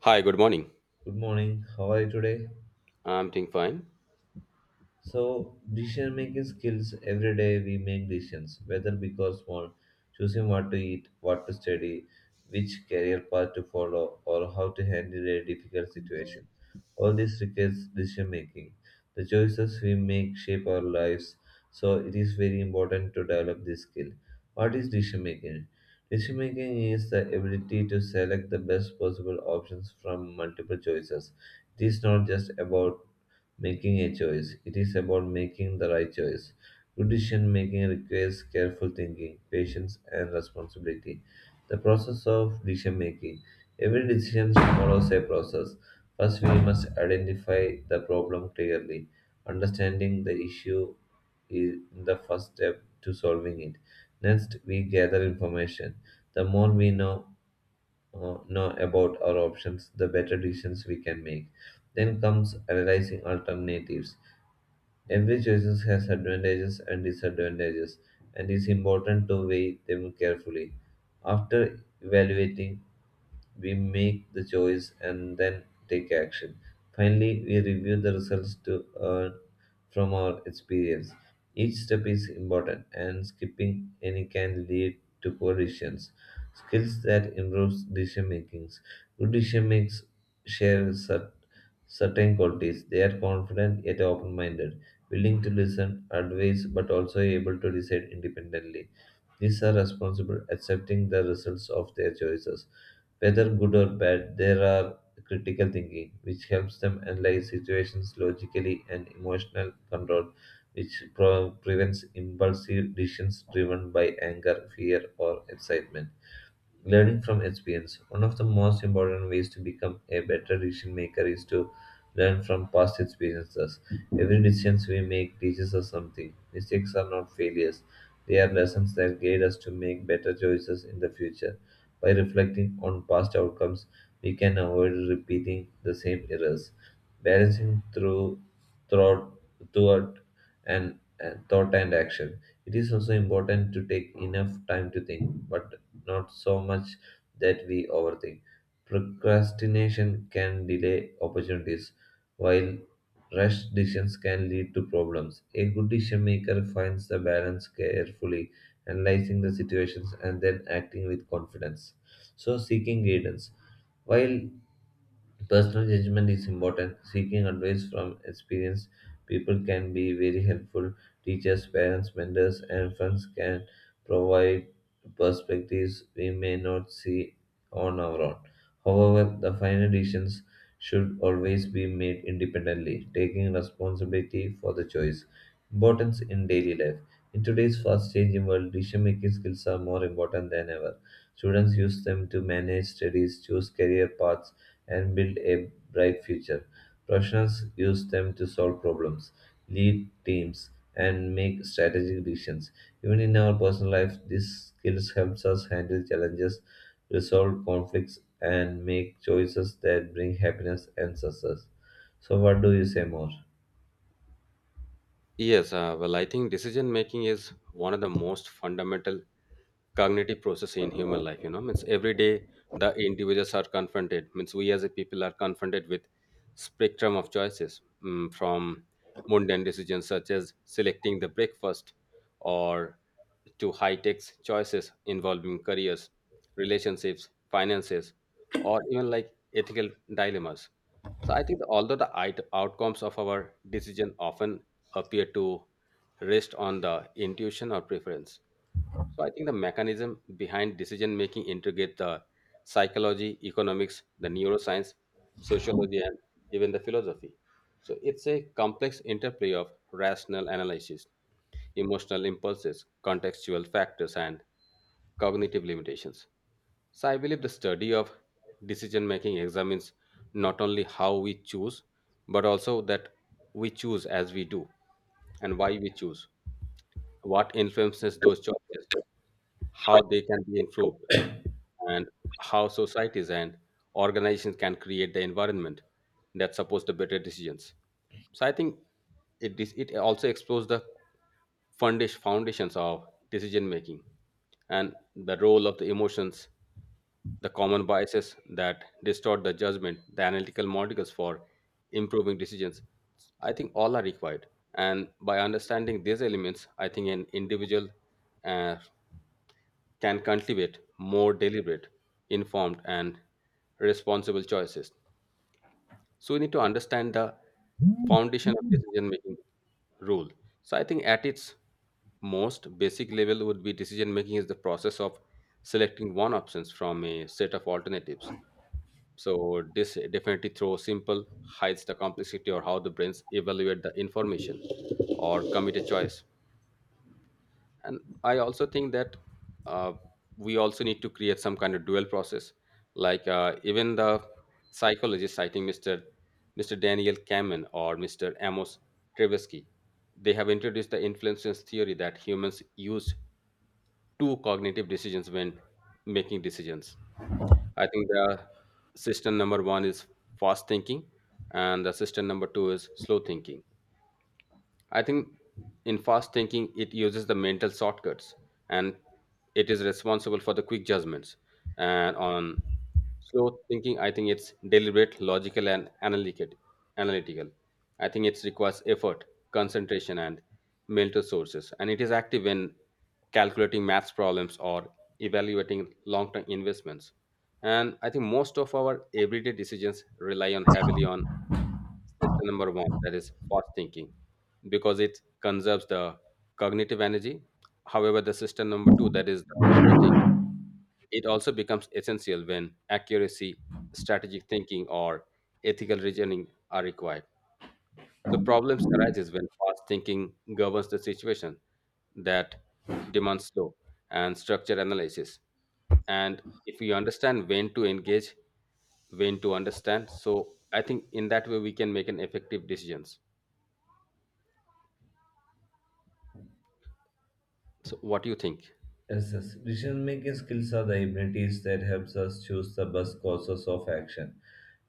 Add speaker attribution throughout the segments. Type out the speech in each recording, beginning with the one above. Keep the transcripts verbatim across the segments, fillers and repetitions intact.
Speaker 1: Hi, good morning.
Speaker 2: Good morning. How are you today?
Speaker 1: I'm doing fine.
Speaker 2: So, decision making skills every day we make decisions, whether big or small, choosing what to eat, what to study, which career path to follow, or how to handle a difficult situation. All this requires decision making. The choices we make shape our lives, so it is very important to develop this skill. What is decision making? Decision making is the ability to select the best possible options from multiple choices. It is not just about making a choice. It is about making the right choice. Good decision making requires careful thinking, patience, and responsibility. The process of decision making. Every decision follows a process. First, we must identify the problem clearly. Understanding the issue is the first step to solving it. Next, we gather information. The more we know, uh, know about our options, the better decisions we can make. Then comes analyzing alternatives. Every choice has advantages and disadvantages, and it's important to weigh them carefully. After evaluating we make the choice and then take action. Finally, we review the results to earn from our experience. Each step is important, and skipping any can lead to poor decisions. Skills that improves decision making. Good decision makers share cer- certain qualities. They are confident yet open-minded, willing to listen, advise, but also able to decide independently. These are responsible accepting the results of their choices. Whether good or bad, there are critical thinking, which helps them analyze situations logically, and emotional control, which pro- prevents impulsive decisions driven by anger, fear, or excitement. Learning from experience. One of the most important ways to become a better decision maker is to learn from past experiences. Every decision we make teaches us something. Mistakes are not failures, they are lessons that guide us to make better choices in the future. By reflecting on past outcomes, we can avoid repeating the same errors. Balancing through throughout thought and, and thought and action. It is also important to take enough time to think, but not so much that we overthink. Procrastination can delay opportunities, while rash decisions can lead to problems. A good decision maker finds the balance carefully, analyzing the situations and then acting with confidence. So, seeking guidance. While Personal judgment is important. Seeking advice from experienced people can be very helpful. Teachers, parents, mentors, and friends can provide perspectives we may not see on our own. However, the final decisions should always be made independently, taking responsibility for the choice. Importance in daily life. In today's fast changing world, decision making skills are more important than ever. Students use them to manage studies, choose career paths, and build a bright future. Professionals use them to solve problems, lead teams, and make strategic decisions. Even in our personal life, these skills helps us handle challenges, resolve conflicts, and make choices that bring happiness and success. So, what do you say more?
Speaker 1: Yes, uh, well, I think decision making is one of the most fundamental cognitive process in human life you know means every day the individuals are confronted means we as a people are confronted with spectrum of choices mm, from mundane decisions such as selecting the breakfast or to high-tech choices involving careers, relationships, finances, or even like ethical dilemmas. So I think although the it- outcomes of our decision often appear to rest on the intuition or preference. So I think the mechanism behind decision making integrate the psychology, economics, the neuroscience, sociology, and even the philosophy. So it's a complex interplay of rational analysis, emotional impulses, contextual factors, and cognitive limitations. So I believe the study of decision making examines not only how we choose, but also that we choose as we do and why we choose, what influences those choices, how they can be improved, and how societies and organizations can create the environment that supports the better decisions. So I think it dis- it also explores the foundation foundations of decision making and the role of the emotions, the common biases that distort the judgment, the analytical models for improving decisions. I think all are required. And by understanding these elements, I think an individual uh, can cultivate more deliberate, informed, and responsible choices. So we need to understand the foundation of decision making rule. So I think at its most basic level would be decision making is the process of selecting one options from a set of alternatives. So this definitely through simple hides the complexity or how the brains evaluate the information or commit a choice. And I also think that uh, we also need to create some kind of dual process like uh, even the psychologists, I think mr mr Daniel Kahneman or Mr. Amos Tversky, they have introduced the influence theory that humans use two cognitive decisions when making decisions. I think the system number one is fast thinking and the system number two is slow thinking. I think in fast thinking, it uses the mental shortcuts and it is responsible for the quick judgments. And on slow thinking, I think it's deliberate, logical, and analytic, analytical. I think it requires effort, concentration, and mental sources. And it is active when calculating maths problems or evaluating long term investments. And I think most of our everyday decisions rely on heavily on system number one, that is fast thinking, because it conserves the cognitive energy. However, the system number two, that is the slow thinking, it also becomes essential when accuracy, strategic thinking, or ethical reasoning are required. So problems arises when fast thinking governs the situation that demands slow and structured analysis. And if we understand when to engage, when to understand, so I think in that way we can make an effective decisions. So what do you think?
Speaker 2: Yes, yes. Decision making skills are the abilities that helps us choose the best courses of action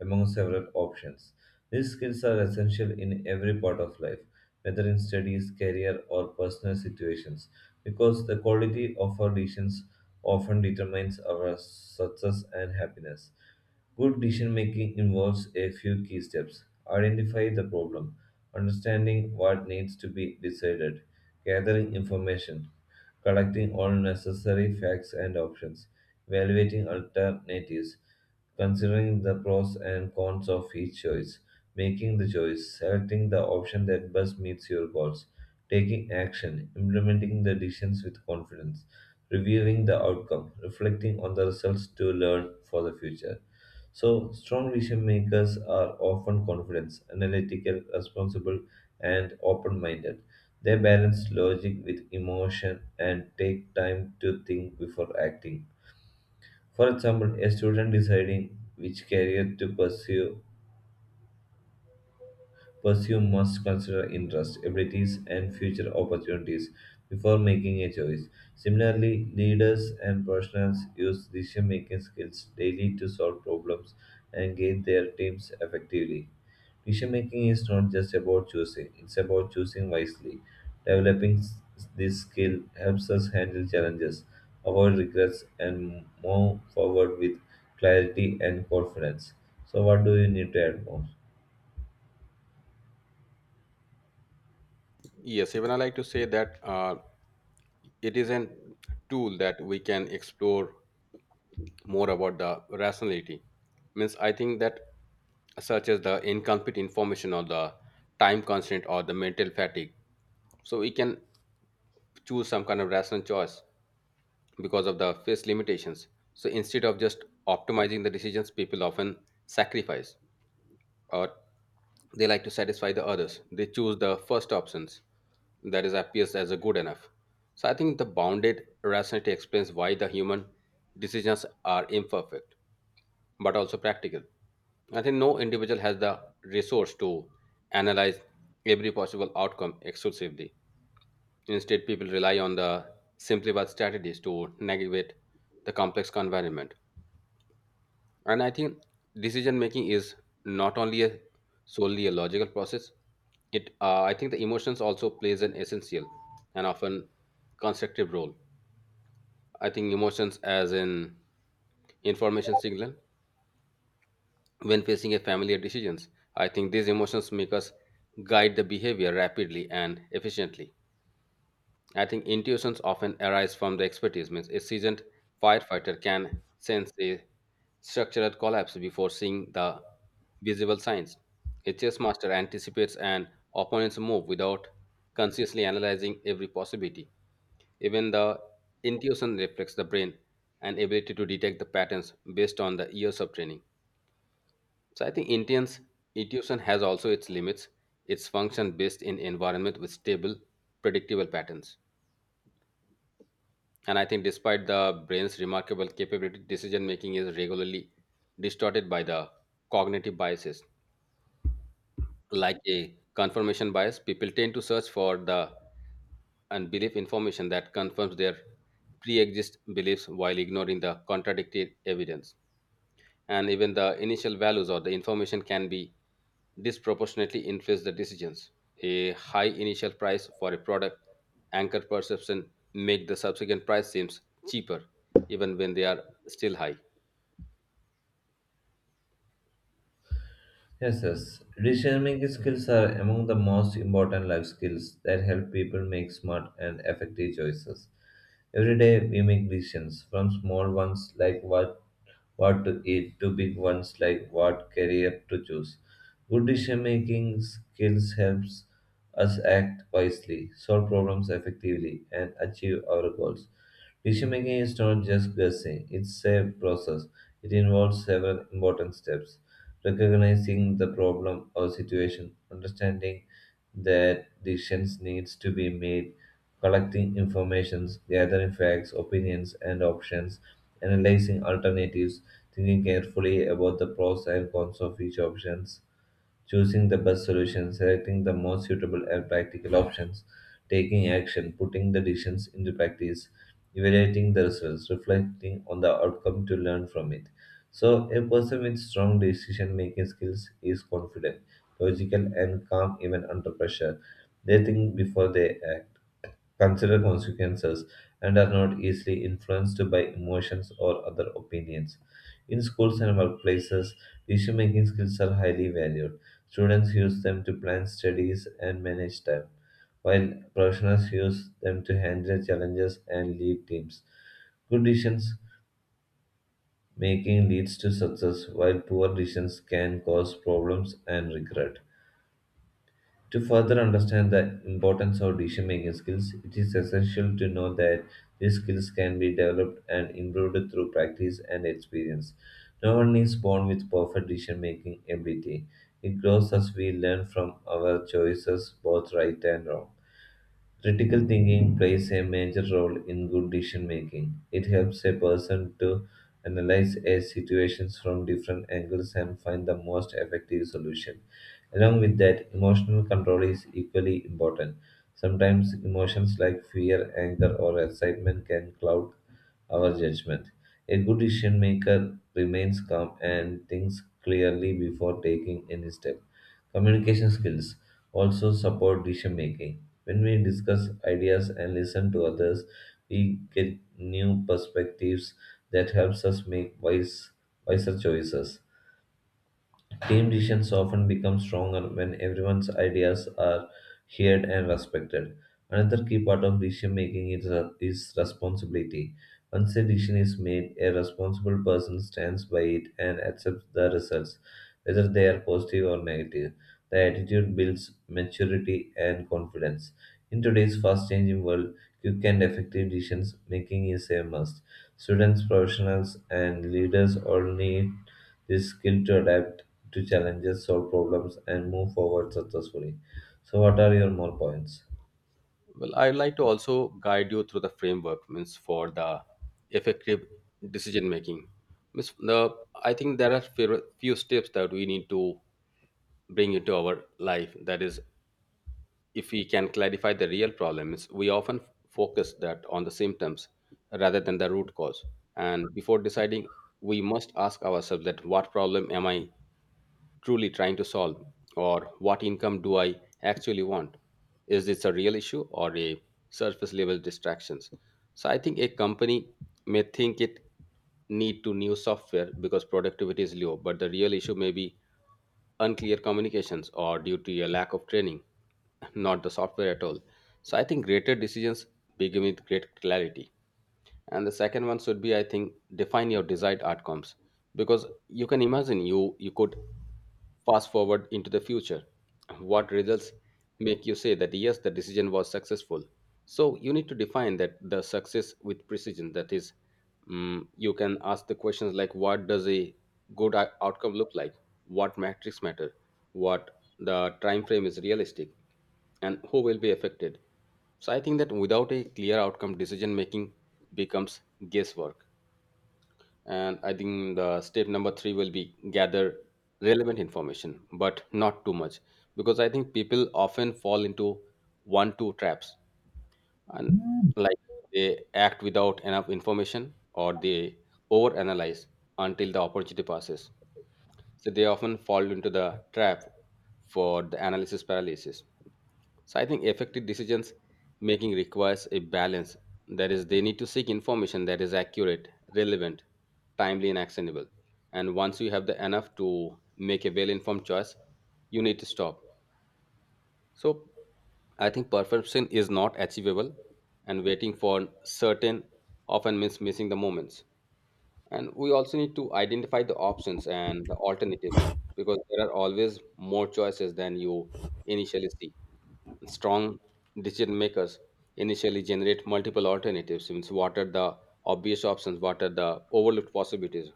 Speaker 2: among several options. These skills are essential in every part of life, whether in studies, career, or personal situations, because the quality of our decisions often determines our success and happiness. Good decision making involves a few key steps identify the problem, understanding what needs to be decided, gathering information, collecting all necessary facts and options, evaluating alternatives, considering the pros and cons of each choice, making the choice, selecting the option that best meets your goals, taking action, implementing the decisions with confidence, reviewing the outcome, reflecting on the results to learn for the future. So, strong decision makers are often confident, analytical, responsible, and open minded. They balance logic with emotion and take time to think before acting. For example, a student deciding which career to pursue, pursue must consider interests, abilities, and future opportunities before making a choice. Similarly, leaders and professionals use decision making skills daily to solve problems and guide their teams effectively. Decision making is not just about choosing, it's about choosing wisely. Developing s- this skill helps us handle challenges, avoid regrets, and move forward with clarity and confidence. So, what do you need to add more?
Speaker 1: Yes, even I like to say that uh, it is an tool that we can explore more about the rationality. Means I think that such as the incomplete information or the time constraint or the mental fatigue. So we can choose some kind of rational choice because of the face limitations. So instead of just optimizing the decisions, people often sacrifice or they like to satisfy the others. They choose the first options that is appears as a good enough. So I think the bounded rationality explains why the human decisions are imperfect but also practical. I think no individual has the resource to analyze every possible outcome exclusively. Instead, people rely on the simplified strategies to navigate the complex environment. And I think decision making is not only a solely a logical process. It uh, I think the emotions also plays an essential and often constructive role. I think emotions as an information signal, when facing a familiar decisions, I think these emotions make us guide the behavior rapidly and efficiently. I think intuitions often arise from the expertise. Means a seasoned firefighter can sense a structural collapse before seeing the visible signs. A chess master anticipates an opponent's move without consciously analyzing every possibility. Even the intuition reflects the brain and ability to detect the patterns based on the years of training. So I think Indians intuition has also its limits. Its function based in environment with stable, predictable patterns. And I think, despite the brain's remarkable capability, decision making is regularly distorted by the cognitive biases. Like a confirmation bias, people tend to search for the unbelief information that confirms their pre exist beliefs while ignoring the contradictory evidence. And even the initial values or the information can be disproportionately influence the decisions. A high initial price for a product anchor perception make the subsequent price seems cheaper even when they are still high.
Speaker 2: Yes, yes. Decision making skills are among the most important life skills that help people make smart and effective choices. Every day we make decisions, from small ones like what what to eat to big ones like what career to choose. Good decision making skills helps us act wisely, solve problems effectively, and achieve our goals. Decision making is not just guessing, it's a process. It involves several important steps recognizing the problem or situation, understanding that decisions needs to be made, collecting informations, gathering facts, opinions and options, analyzing alternatives, thinking carefully about the pros and cons of each options choosing the best solution, selecting the most suitable and practical options, taking action, putting the decisions into practice, evaluating the results, reflecting on the outcome to learn from it. So, a person with strong decision making skills is confident, logical, and calm even under pressure. They think before they act, consider consequences, and are not easily influenced by emotions or other opinions. In schools and workplaces, decision making skills are highly valued Students use them to plan studies and manage time, while professionals use them to handle challenges and lead teams. Good decisions making leads to success, while poor decisions can cause problems and regret. To further understand the importance of decision making skills, it is essential to know that these skills can be developed and improved through practice and experience. No one is born with perfect decision making ability. It grows as we learn from our choices, both right and wrong. Critical thinking plays a major role in good decision making. It helps a person to analyze a situation from different angles and find the most effective solution. Along with that, emotional control is equally important. Sometimes emotions like fear, anger, or excitement can cloud our judgment. A good decision maker remains calm and thinks clearly before taking any step. Communication skills also support decision making. When we discuss ideas and listen to others, we get new perspectives that helps us make wise wiser choices. Team decisions often become stronger when everyone's ideas are heard and respected. Another key part of decision making is, is responsibility. Once a decision is made, a responsible person stands by it and accepts the results, whether they are positive or negative. The attitude builds maturity and confidence. In today's fast changing world, quick and effective decision making is a must. Students, professionals, and leaders all need the skill to adapt to challenges, solve problems, and move forward successfully. So, what are your more points?
Speaker 1: Well, I'd like to also guide you through the framework means for the effective decision making. Means the I think there are few, few steps that we need to bring into our life. That is, if we can clarify the real problem, means we often focus that on the symptoms rather than the root cause. And before deciding, we must ask ourselves that what problem am I truly trying to solve? Or what income do I actually want? Is this a real issue or a surface level distractions? So I think a company may think it need to new software because productivity is low, but the real issue may be unclear communications or due to a lack of training, not the software at all. So I think greater decisions begin with great clarity. And the second one should be, I think, define your desired outcomes, because you can imagine you you could fast forward into the future. What results make you say that yes, the decision was successful? So you need to define that the success with precision. That is, mm, you can ask the questions like, what does a good ou- outcome look like? What metrics matter? What the time frame is realistic? And who will be affected? So I think that without a clear outcome, decision making becomes guesswork. And I think the step number three will be gather relevant information, but not too much, because I think people often fall into one two traps, and like they act without enough information or they overanalyze until the opportunity passes. So they often fall into the trap for the analysis paralysis. So I think effective decisions making requires a balance. That is, they need to seek information that is accurate, relevant, timely, and actionable. And once you have the enough to make a well-informed choice, you need to stop. So I think perfection is not achievable, and waiting for certain often means missing the moments. And we also need to identify the options and the alternatives, because there are always more choices than you initially see. Strong decision makers initially generate multiple alternatives. Means, what are the obvious options? What are the overlooked possibilities?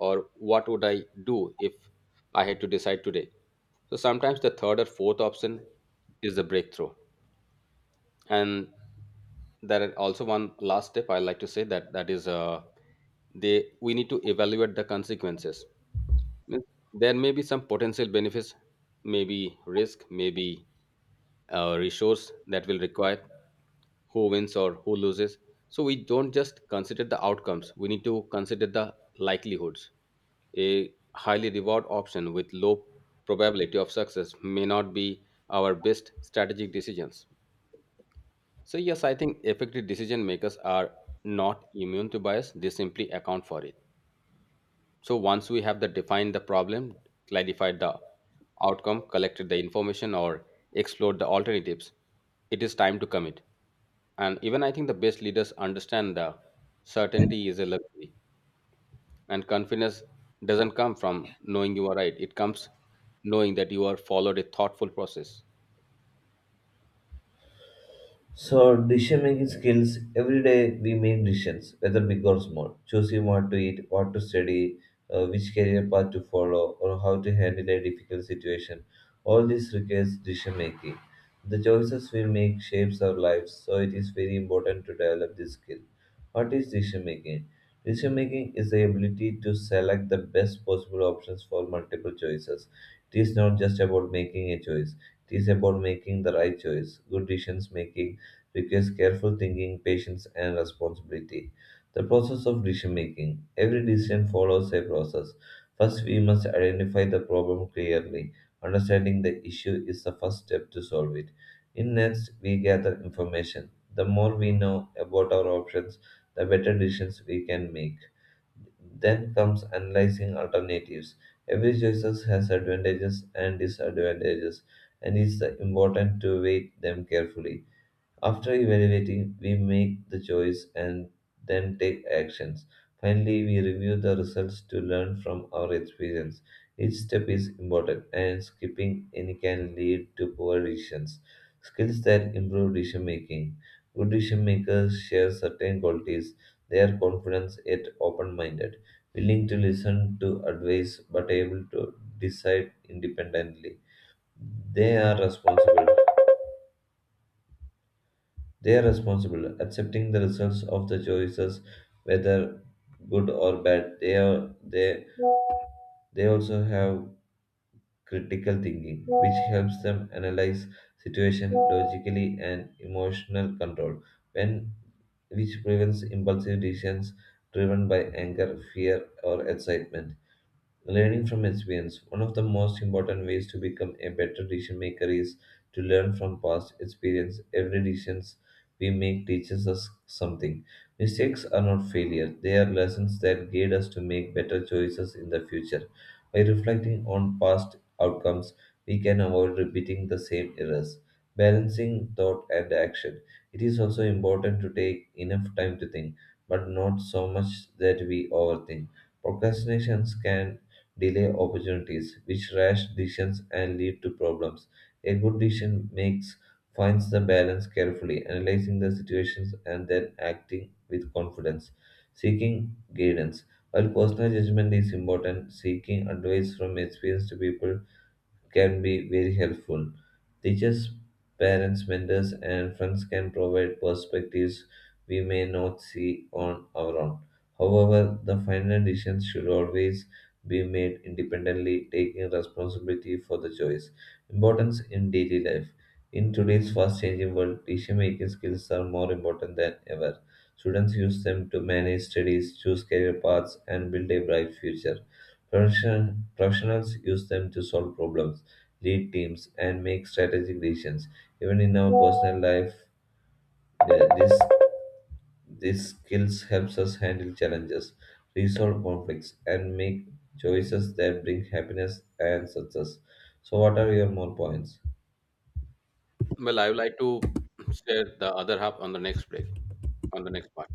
Speaker 1: Or what would I do if I had to decide today? So sometimes the third or fourth option is the breakthrough. And there are also one last step I like to say, that that is, uh, they we need to evaluate the consequences. Means there may be some potential benefits, maybe risk, maybe uh, resource that will require, who wins or who loses. So we don't just consider the outcomes, we need to consider the likelihoods. A highly reward option with low probability of success may not be our best strategic decisions. So, yes, I think effective decision makers are not immune to bias, they simply account for it. So once we have the defined the problem, clarified the outcome, collected the information or explored the alternatives, it is time to commit. And even I think the best leaders understand the certainty is a luxury and confidence doesn't come from knowing you are right. It comes knowing that you are followed a thoughtful process.
Speaker 2: So decision making skills, every day we make decisions, whether big or small, choosing what to eat, what to study, uh, which career path to follow, or how to handle a difficult situation. All this requires decision making. The choices we make shapes our lives, so it is very important to develop this skill. What is decision making? Decision making is the ability to select the best possible options for multiple choices. It is not just about making a choice, it is about making the right choice. Good decisions make a requires careful thinking, patience, and responsibility. The process of decision making. Every decision follows a process. First, we must identify the problem clearly. Understanding the issue is the first step to solve it. In next, we gather information. The more we know about our options, the better decisions we can make. Then comes analyzing alternatives. Every choice has advantages and disadvantages, and it's important to weigh them carefully. After evaluating, we make the choice and then take actions. Finally, we review the results to learn from our experience. Each step is important, and skipping any can lead to poor decisions. Skills that improve decision making. Good decision makers share certain qualities. They are confident yet open minded, willing to listen to advice but able to decide independently. They are responsible they are responsible, accepting the results of the choices, whether good or bad. They are they they also have critical thinking, which helps them analyze situation logically and emotional control, when which prevents impulsive decisions driven by anger, fear, or excitement. Learning from experience. One of the most important ways to become a better decision maker is to learn from past experience. Every decision we make teaches us something. Mistakes are not failure, they are lessons that guide us to make better choices in the future. By reflecting on past outcomes, we can avoid repeating the same errors. Balancing thought and action. It is also important to take enough time to think, but not so much that we overthink. Procrastinations can delay opportunities, which rash decisions and lead to problems. A good decision makes finds the balance carefully, analyzing the situations and then acting with confidence, seeking guidance. While personal judgment is important, seeking advice from experienced people can be very helpful. Teachers, parents, mentors, and friends can provide perspectives we may not see on our own. However, the final decision should always be made independently, taking responsibility for the choice. Importance in daily life. In today's fast changing world, decision making skills are more important than ever. Students use them to manage studies, choose career paths, and build a bright future. Profession- Professionals use them to solve problems, lead teams, and make strategic decisions. Even in our personal life, the- this these skills helps us handle challenges, resolve conflicts, and make choices that bring happiness and success. So, what are your more points?
Speaker 1: Well, I would like to share the other half on the next break, on the next part.